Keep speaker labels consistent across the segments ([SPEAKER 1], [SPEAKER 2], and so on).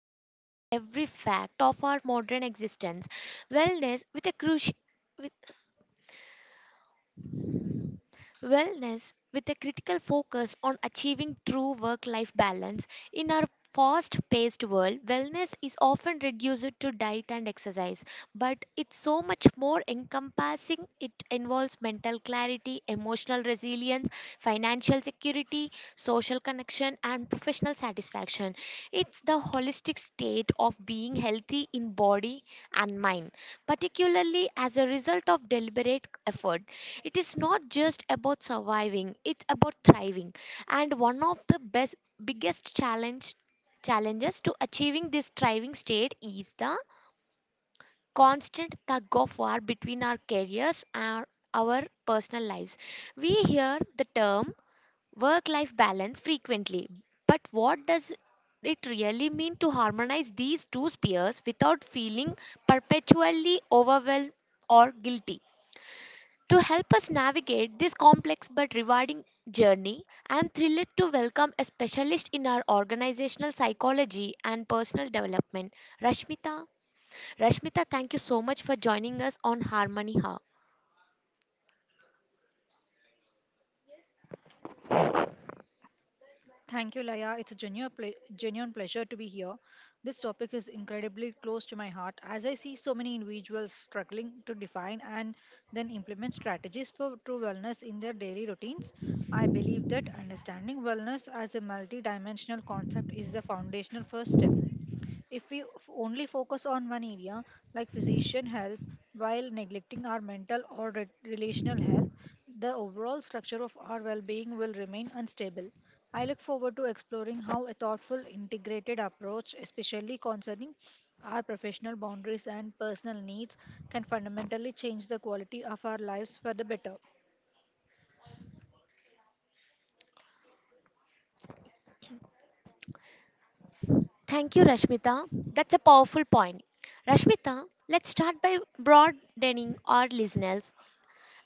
[SPEAKER 1] that touches every fact of our modern existence wellness with a crucial wellness with a critical focus on achieving true work life balance. In our fast paced world, wellness is often reduced to diet and exercise, but it's so much more encompassing. It involves mental clarity, emotional resilience, financial security, social connection, and professional satisfaction. It's the holistic state of being healthy in body and mind, particularly as a result of deliberate effort. It is not just about surviving, it's about thriving. And one of the best biggest challenge challenges to achieving this thriving state is the constant tug of war between our careers and our personal lives. We hear the term work life balance frequently, but what does it really mean to harmonize these two spheres without feeling perpetually overwhelmed or guilty? To help us navigate this complex but rewarding journey, I am thrilled to welcome a specialist in our organizational psychology and personal development, Rashmita. Rashmita, thank you so much for joining us on Harmony Hub.
[SPEAKER 2] Thank you, Laya. It's a genuine pleasure to be here. This topic is incredibly close to my heart, as I see so many individuals struggling to define and then implement strategies for true wellness in their daily routines. I believe that understanding wellness as a multidimensional concept is the foundational first step. If we only focus on one area, like physician health, while neglecting our mental or relational health, the overall structure of our well being will remain unstable. I look forward to exploring how a thoughtful, integrated approach, especially concerning our professional boundaries and personal needs, can fundamentally change the quality of our lives for the better.
[SPEAKER 1] Thank you, Rashmita. That's a powerful point. Rashmita, let's start by broadening our listeners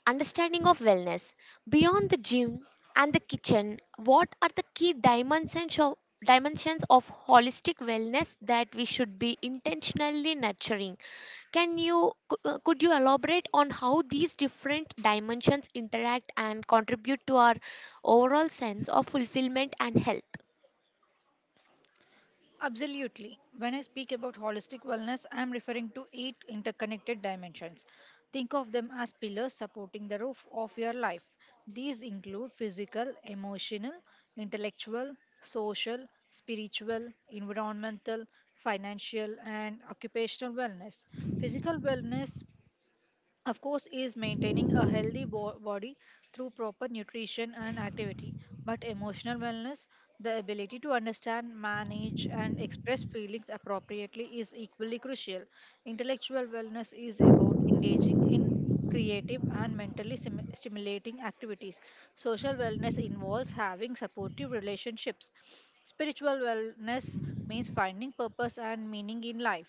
[SPEAKER 1] understanding of wellness. Beyond the gym and the kitchen, what are the key dimensions of holistic wellness that we should be intentionally nurturing? Could you elaborate on how these different dimensions interact and contribute to our overall sense of fulfillment and health?
[SPEAKER 2] Absolutely. When I speak about holistic wellness, I am referring to eight interconnected dimensions. Think of them as pillars supporting the roof of your life. These include physical, emotional, intellectual, social, spiritual, environmental, financial, and occupational wellness. Physical wellness, of course, is maintaining a healthy body through proper nutrition and activity, but emotional wellness, the ability to understand, manage, and express feelings appropriately, is equally crucial. Intellectual wellness is about engaging in creative and mentally stimulating activities. Social wellness involves having supportive relationships. Spiritual wellness means finding purpose and meaning in life,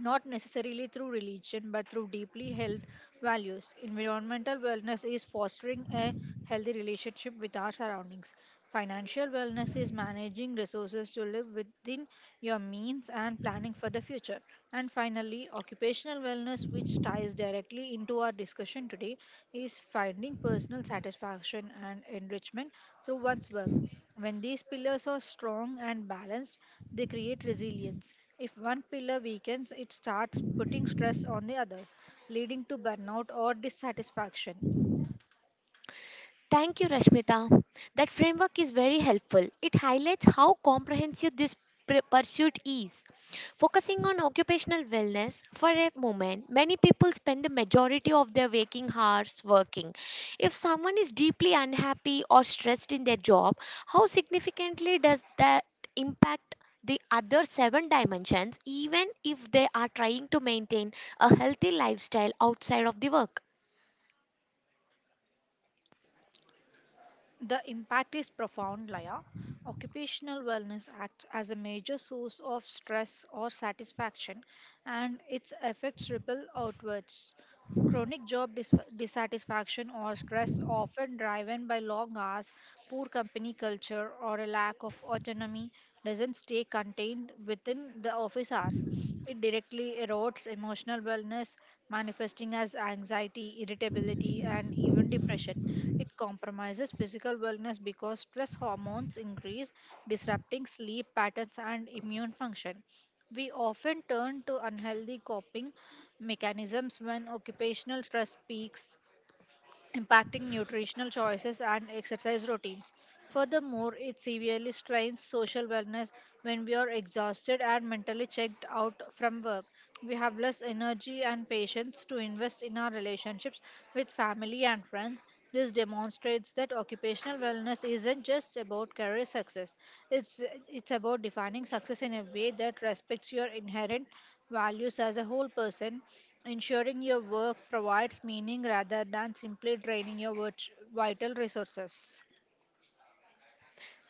[SPEAKER 2] not necessarily through religion but through deeply held values. Environmental wellness is fostering a healthy relationship with our surroundings. Financial wellness is managing resources to live within your means and planning for the future. And finally, occupational wellness, which ties directly into our discussion today, is finding personal satisfaction and enrichment through one's work. When these pillars are strong and balanced, they create resilience. If one pillar weakens, it starts putting stress on the others, leading to burnout or dissatisfaction.
[SPEAKER 1] Thank you, Rashmita. That framework is very helpful. It highlights how comprehensive this pursuit is. Focusing on occupational wellness for a moment, many people spend the majority of their waking hours working. If someone is deeply unhappy or stressed in their job, how significantly does that impact the other 7 dimensions, even if they are trying to maintain a healthy lifestyle outside of the work?
[SPEAKER 2] The impact is profound, Laya. Occupational wellness acts as a major source of stress or satisfaction, and its effects ripple outwards. Chronic job dissatisfaction or stress, often driven by long hours, poor company culture, or a lack of autonomy, doesn't stay contained within the office hours. It directly erodes emotional wellness, manifesting as anxiety, irritability, and even depression. It compromises physical wellness because stress hormones increase, disrupting sleep patterns and immune function. We often turn to unhealthy coping mechanisms when occupational stress peaks, impacting nutritional choices and exercise routines. Furthermore, it severely strains social wellness when we are exhausted and mentally checked out from work. We have less energy and patience to invest in our relationships with family and friends. This demonstrates that occupational wellness isn't just about career success. It's it's about defining success in a way that respects your inherent values as a whole person, ensuring your work provides meaning rather than simply draining your vital resources.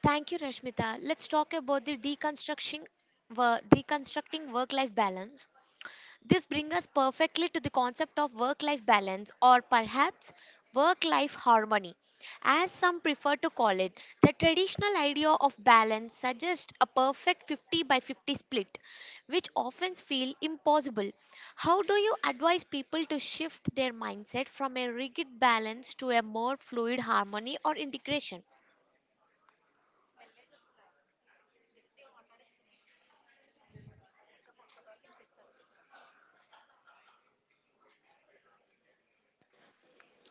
[SPEAKER 1] Thank you, Rashmita. Let's talk about the deconstructing work-life balance. This brings us perfectly to the concept of work-life balance, or perhaps work-life harmony, as some prefer to call it. The traditional idea of balance suggests a perfect 50 by 50 split, which often feel impossible. How do you advise people to shift their mindset from a rigid balance to a more fluid harmony or integration?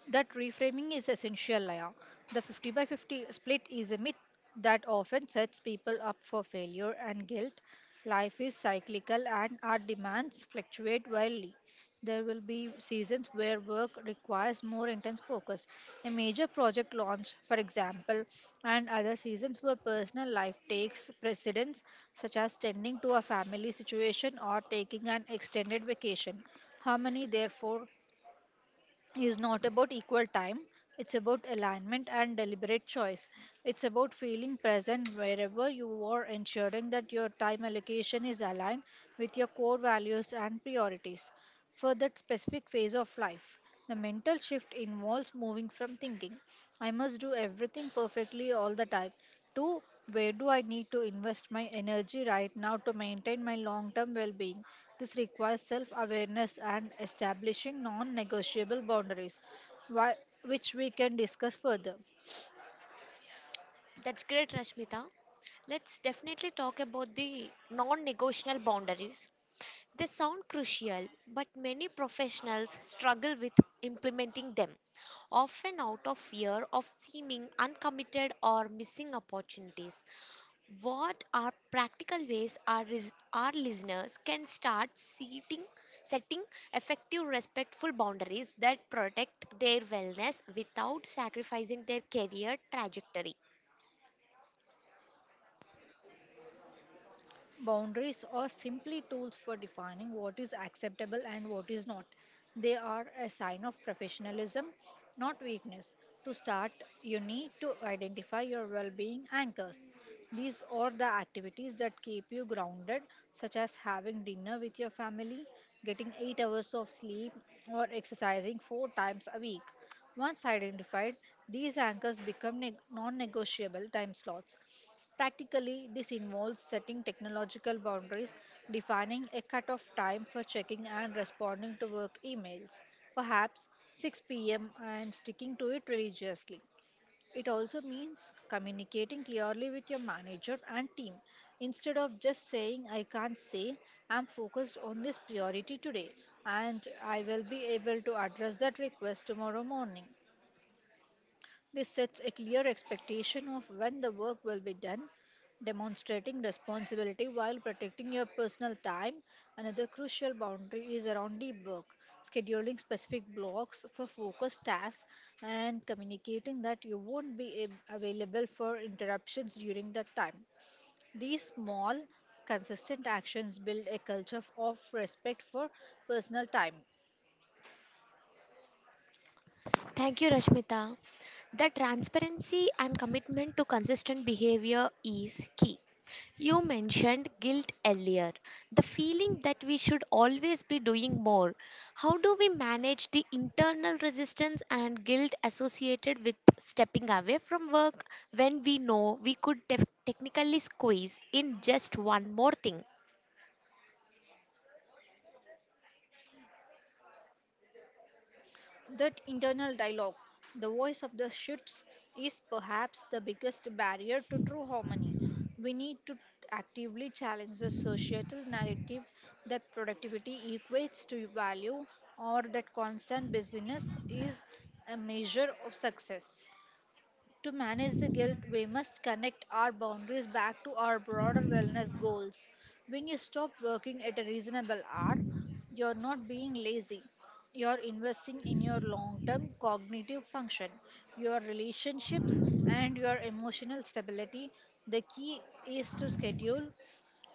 [SPEAKER 2] That reframing is essential, Laya. The 50 by 50 split is a myth that often sets people up for failure and guilt. Life is cyclical, and our demands fluctuate wildly. There will be seasons where work requires more intense focus, a major project launch, for example, and other seasons where personal life takes precedence, such as tending to a family situation or taking an extended vacation. Harmony, therefore, is not about equal time. It's about alignment and deliberate choice. It's about feeling present wherever you are, ensuring that your time allocation is aligned with your core values and priorities for that specific phase of life. The mental shift involves moving from thinking, I must do everything perfectly all the time, to, where do I need to invest my energy right now to maintain my long term well being? This requires self awareness and establishing non negotiable boundaries, whi- which we can discuss further.
[SPEAKER 1] That's great, Rashmita. Let's definitely talk about the non negotiable boundaries. They sound crucial, but many professionals struggle with implementing them, often out of fear of seeming uncommitted or missing opportunities. What are practical ways our listeners can setting effective, respectful boundaries that protect their wellness without sacrificing their career trajectory?
[SPEAKER 2] Boundaries are simply tools for defining what is acceptable and what is not. They are a sign of professionalism, not weakness. To start, you need to identify your well being anchors. These are the activities that keep you grounded, such as having dinner with your family, getting 8 hours of sleep, or exercising 4 times a week. Once identified, these anchors become non negotiable time slots. Practically, this involves setting technological boundaries, defining a cutoff time for checking and responding to work emails, perhaps 6 p.m., and sticking to it religiously. It also means communicating clearly with your manager and team. Instead of just saying, I can't, say, I'm focused on this priority today and I will be able to address that request tomorrow morning. This sets a clear expectation of when the work will be done, demonstrating responsibility while protecting your personal time. Another crucial boundary is around deep work, scheduling specific blocks for focused tasks and communicating that you won't be available for interruptions during that time. These small, consistent actions build a culture of respect for personal time.
[SPEAKER 1] Thank you, Rashmita. The transparency and commitment to consistent behavior is key. You mentioned guilt earlier, the feeling that we should always be doing more. How do we manage the internal resistance and guilt associated with stepping away from work when we know we could technically squeeze in just one more thing?
[SPEAKER 2] That internal dialogue, the voice of the shoots, is perhaps the biggest barrier to true harmony. We need to actively challenge the societal narrative that productivity equates to value, or that constant busyness is a measure of success. To manage the guilt, we must connect our boundaries back to our broader wellness goals. When you stop working at a reasonable hour, you're not being lazy. You're investing in your long term cognitive function, your relationships, and your emotional stability. The key is to schedule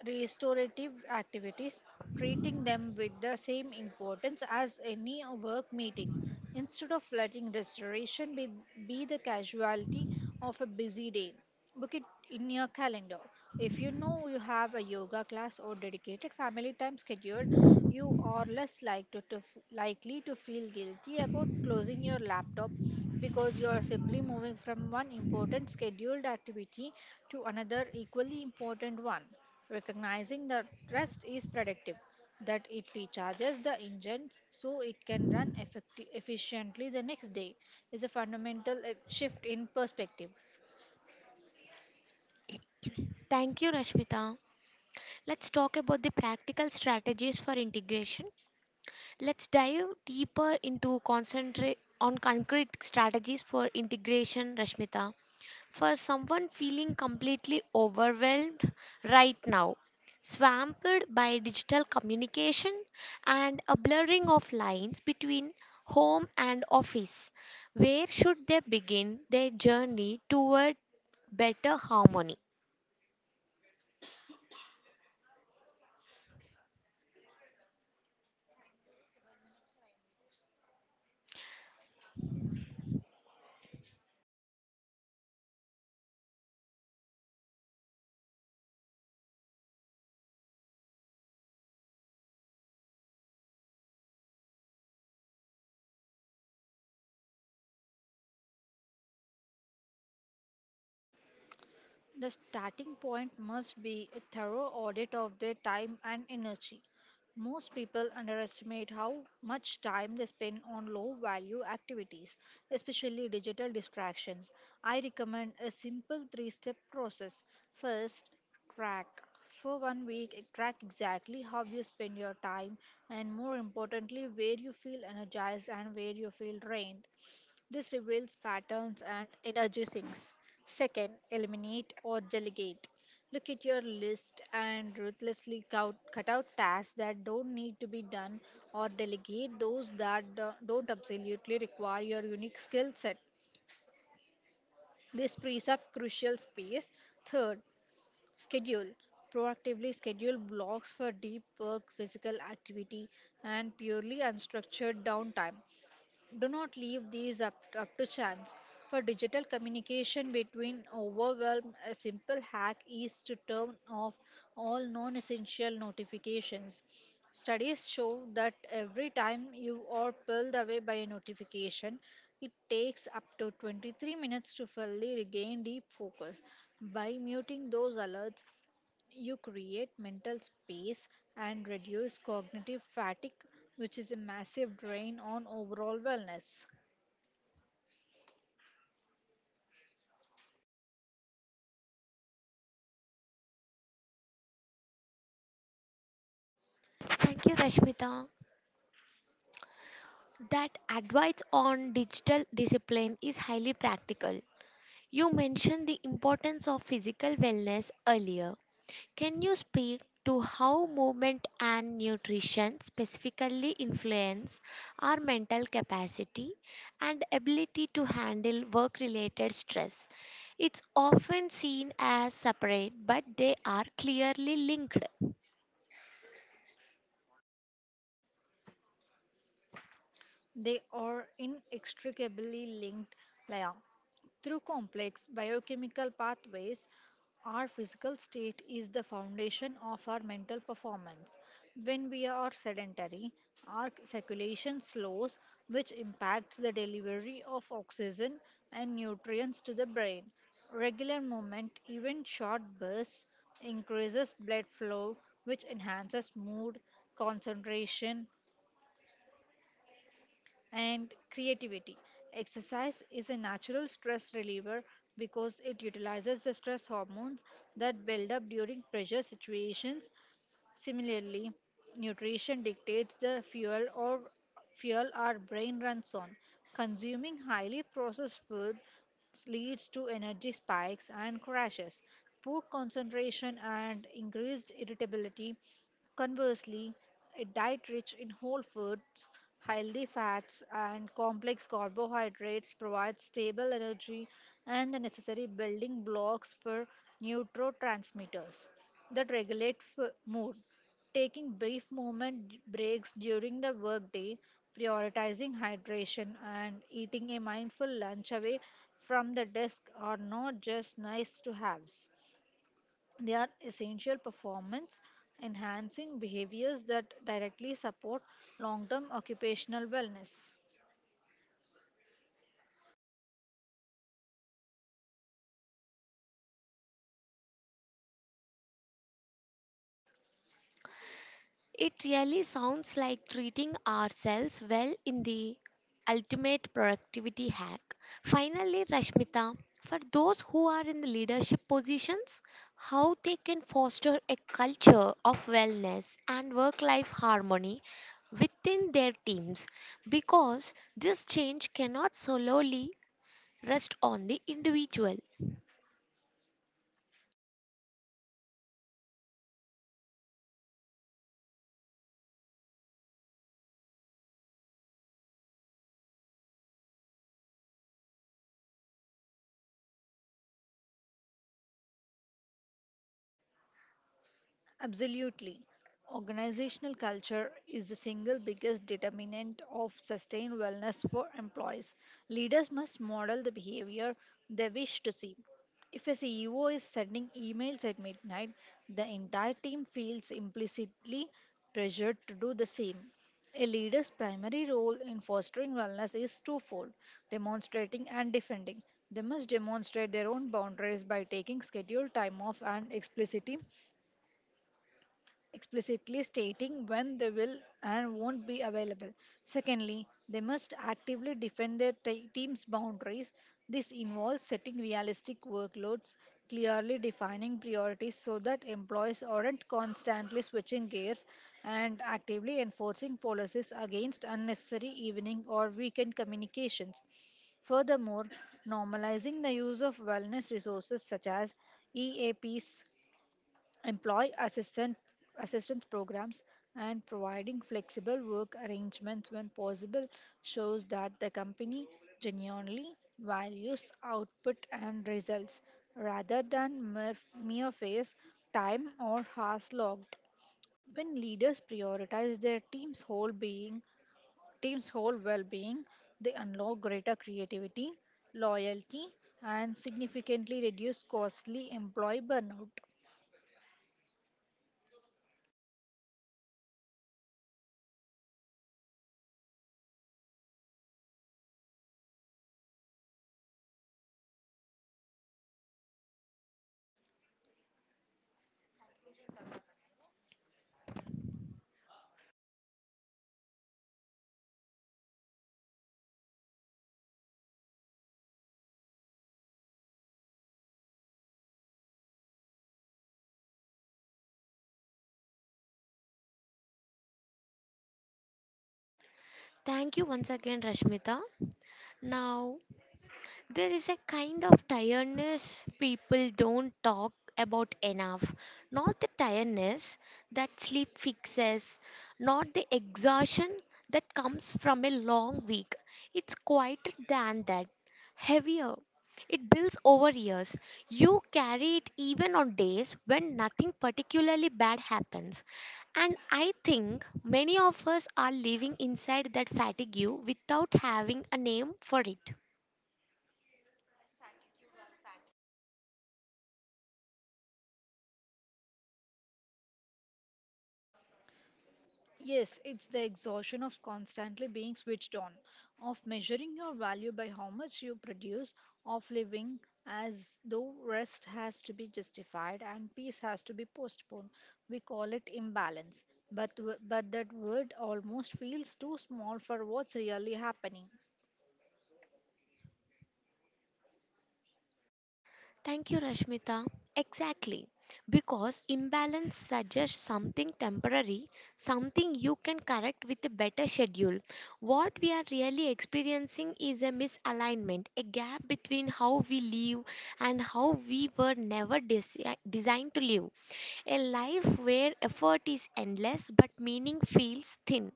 [SPEAKER 2] restorative activities, treating them with the same importance as any work meeting. Instead of letting restoration be the casualty of a busy day, book it in your calendar. If you know you have a yoga class or dedicated family time scheduled, you are less likely to feel guilty about closing your laptop, because you are simply moving from one important scheduled activity to another equally important one. Recognizing that rest is predictive, that it recharges the engine so it can run efficiently the next day, is a fundamental shift in perspective.
[SPEAKER 1] Thank you, Rashmita. Let's talk about the practical strategies for integration Let's dive deeper into concentrate on concrete strategies for integration, Rashmita. For someone feeling completely overwhelmed right now, swamped by digital communication and a blurring of lines between home and office, where should they begin their journey toward better harmony?
[SPEAKER 2] The starting point must be a thorough audit of their time and energy. Most people underestimate how much time they spend on low value activities, especially digital distractions. I recommend a simple three step process. First, track. For one week, track exactly how you spend your time and, more importantly, where you feel energized and where you feel drained. This reveals patterns and energy sinks. Second, eliminate or delegate. Look at your list and ruthlessly cut out tasks that don't need to be done or delegate those that don't absolutely require your unique skill set. This frees up crucial space. Third, schedule. Proactively schedule blocks for deep work, physical activity, and purely unstructured downtime. Do not leave these up to chance. For digital communication between overwhelm, a simple hack is to turn off all non essential notifications. Studies show that every time you are pulled away by a notification, it takes up to 23 minutes to fully regain deep focus. By muting those alerts, you create mental space and reduce cognitive fatigue, which is a massive drain on overall wellness.
[SPEAKER 1] Thank you, Rashmita. That advice on digital discipline is highly practical. You mentioned the importance of physical wellness earlier. Can you speak to how movement and nutrition specifically influence our mental capacity and ability to handle work related stress? It's often seen as separate, but they are clearly linked.
[SPEAKER 2] They are inextricably linked, Laya. Through complex biochemical pathways, our physical state is the foundation of our mental performance. When we are sedentary, our circulation slows, which impacts the delivery of oxygen and nutrients to the brain. Regular movement, even short bursts, increases blood flow, which enhances mood, concentration, and creativity. Exercise is a natural stress reliever because it utilizes the stress hormones that build up during pressure situations. Similarly, nutrition dictates the fuel our brain runs on. Consuming highly processed food leads to energy spikes and crashes, poor concentration, and increased irritability. Conversely, a diet rich in whole foods, healthy fats, and complex carbohydrates provides stable energy and the necessary building blocks for neurotransmitters that regulate mood. Taking brief breaks during the workday, prioritizing hydration, and eating a mindful lunch away from the desk are not just nice to haves. They are essential performance enhancing behaviors that directly support long term occupational wellness.
[SPEAKER 1] It really sounds like treating ourselves well in the ultimate productivity hack. Finally, Rashmita, for those who are in the leadership positions, how they can foster a culture of wellness and work life harmony within their teams because this change cannot solely rest on the individual.
[SPEAKER 2] Absolutely. Organizational culture is the single biggest determinant of sustained wellness for employees. Leaders must model the behavior they wish to see. If a CEO is sending emails at midnight, the entire team feels implicitly pressured to do the same. A leader's primary role in fostering wellness is twofold: demonstrating and defending. They must demonstrate their own boundaries by taking scheduled time off and explicitly stating when they will and won't be available. Secondly, they must actively defend their team's boundaries. This involves setting realistic workloads, clearly defining priorities so that employees aren't constantly switching gears, and actively enforcing policies against unnecessary evening or weekend communications. Furthermore, normalizing the use of wellness resources such as EAPs, employee assistant assistance programs, and providing flexible work arrangements when possible shows that the company genuinely values output and results rather than mere face time or hours logged. When leaders prioritize their team's whole well-being, they unlock greater creativity, loyalty, and significantly reduce costly employee burnout.
[SPEAKER 1] Thank you once again, Rashmita. Now, there is a kind of tiredness people don't talk about enough. Not the tiredness that sleep fixes, not the exhaustion that comes from a long week. It's quieter than that, heavier. It builds over years. You carry it even on days when nothing particularly bad happens. And I think many of us are living inside that fatigue without having a name for it.
[SPEAKER 2] Yes, it's the exhaustion of constantly being switched on, of measuring your value by how much you produce, of living as though rest has to be justified and peace has to be postponed. We call it imbalance, but that word almost feels too small for what's really happening.
[SPEAKER 1] Thank you, Rashmita. Exactly. Because imbalance suggests something temporary, something you can correct with a better schedule. What we are really experiencing is a misalignment, a gap between how we live and how we were never desi- designed to live. A life where effort is endless but meaning feels thin.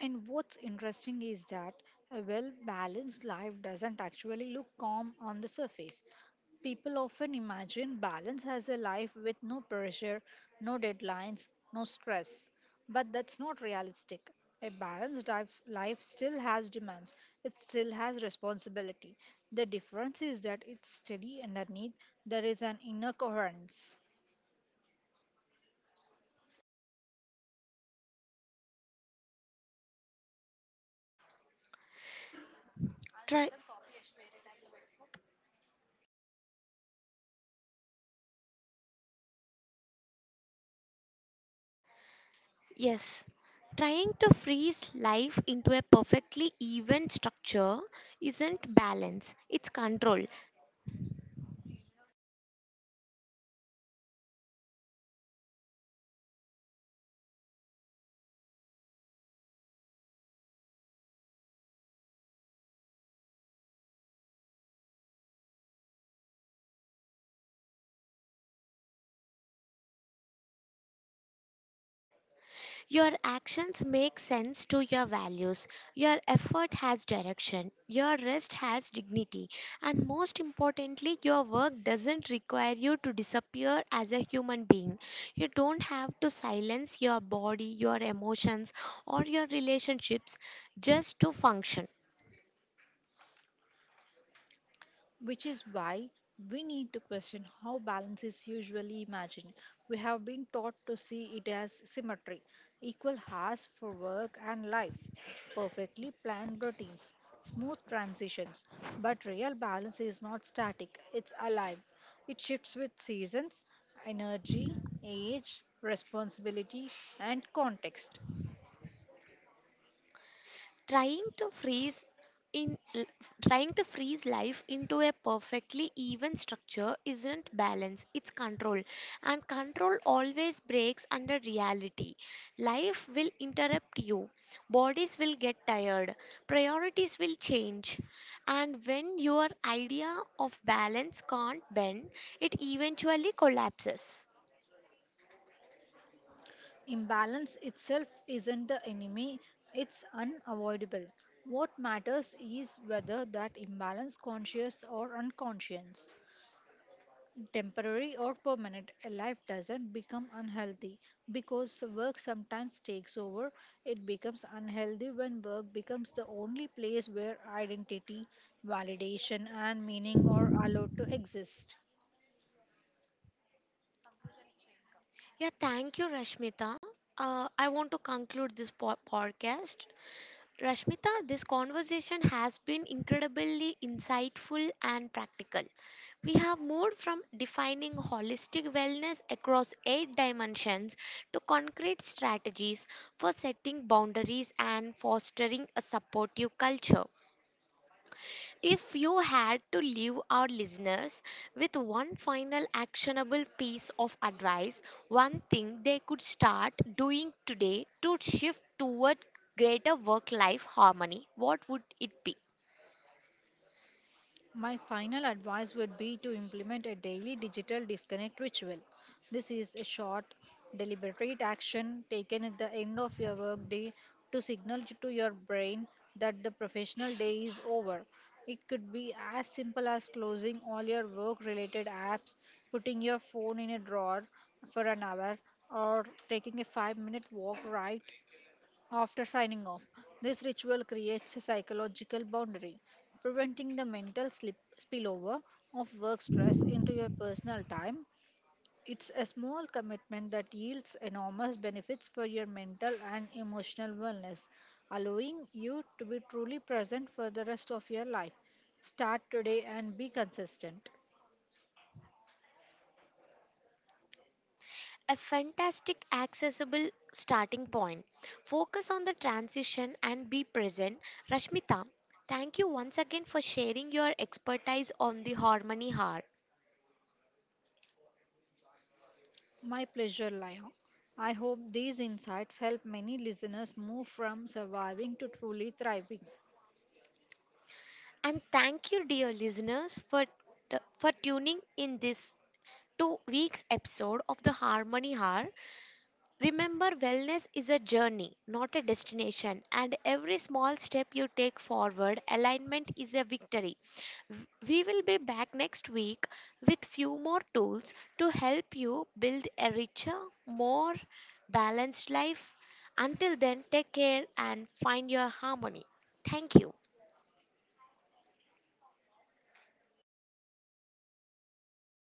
[SPEAKER 2] And what's interesting is that a well balanced life doesn't actually look calm on the surface. People often imagine balance as a life with no pressure, no deadlines, no stress. But that's not realistic. A balanced life still has demands. It still has responsibility. The difference is that it's steady underneath. There is an inner coherence.
[SPEAKER 1] Yes, trying to freeze life into a perfectly even structure isn't balance, it's control. Your actions make sense to your values, your effort has direction, your rest has dignity, and most importantly, your work doesn't require you to disappear as a human being. You don't have to silence your body, your emotions, or your relationships just to function.
[SPEAKER 2] Which is why we need to question how balance is usually imagined. We have been taught to see it as symmetry, equal hours for work and life, perfectly planned routines, smooth transitions. But real balance is not static, it's alive. It shifts with seasons, energy, age, responsibility, and context.
[SPEAKER 1] trying to freeze in l- Trying to freeze life into a perfectly even structure isn't balance, it's control. And control always breaks under reality. Life will interrupt you, bodies will get tired, priorities will change, and when your idea of balance can't bend, it eventually collapses.
[SPEAKER 2] Imbalance itself isn't the enemy, it's unavoidable. What matters is whether that imbalance conscious or unconscious, temporary or permanent, a life doesn't become unhealthy because work sometimes takes over. It becomes unhealthy when work becomes the only place where identity, validation, and meaning are allowed to exist.
[SPEAKER 1] Yeah, thank you, Rashmita. I want to conclude this podcast. Rashmita, this conversation has been incredibly insightful and practical. We have moved from defining holistic wellness across 8 dimensions to concrete strategies for setting boundaries and fostering a supportive culture. If you had to leave our listeners with one final actionable piece of advice, one thing they could start doing today to shift toward greater work life harmony, what would it be?
[SPEAKER 2] My final advice would be to implement a daily digital disconnect ritual. This is a short, deliberate action taken at the end of your workday to signal to your brain that the professional day is over. It could be as simple as closing all your work related apps, putting your phone in a drawer for an hour, or taking a 5-minute walk right after signing off. This ritual creates a psychological boundary, preventing the mental spillover of work stress into your personal time. It's a small commitment that yields enormous benefits for your mental and emotional wellness, allowing you to be truly present for the rest of your life. Start today and be consistent.
[SPEAKER 1] A fantastic, accessible starting point. Focus on the transition and be present. Rashmita, thank you once again for sharing your expertise on the Harmony Hour.
[SPEAKER 2] My pleasure, Lion. I hope these insights help many listeners move from surviving to truly thriving.
[SPEAKER 1] And thank you, dear listeners, for tuning in this to week's episode of the Harmony Hour. Remember, wellness is a journey, not a destination, and every small step you take forward, alignment is a victory. We will be back next week with few more tools to help you build a richer, more balanced life. Until then, take care and find your harmony. Thank you.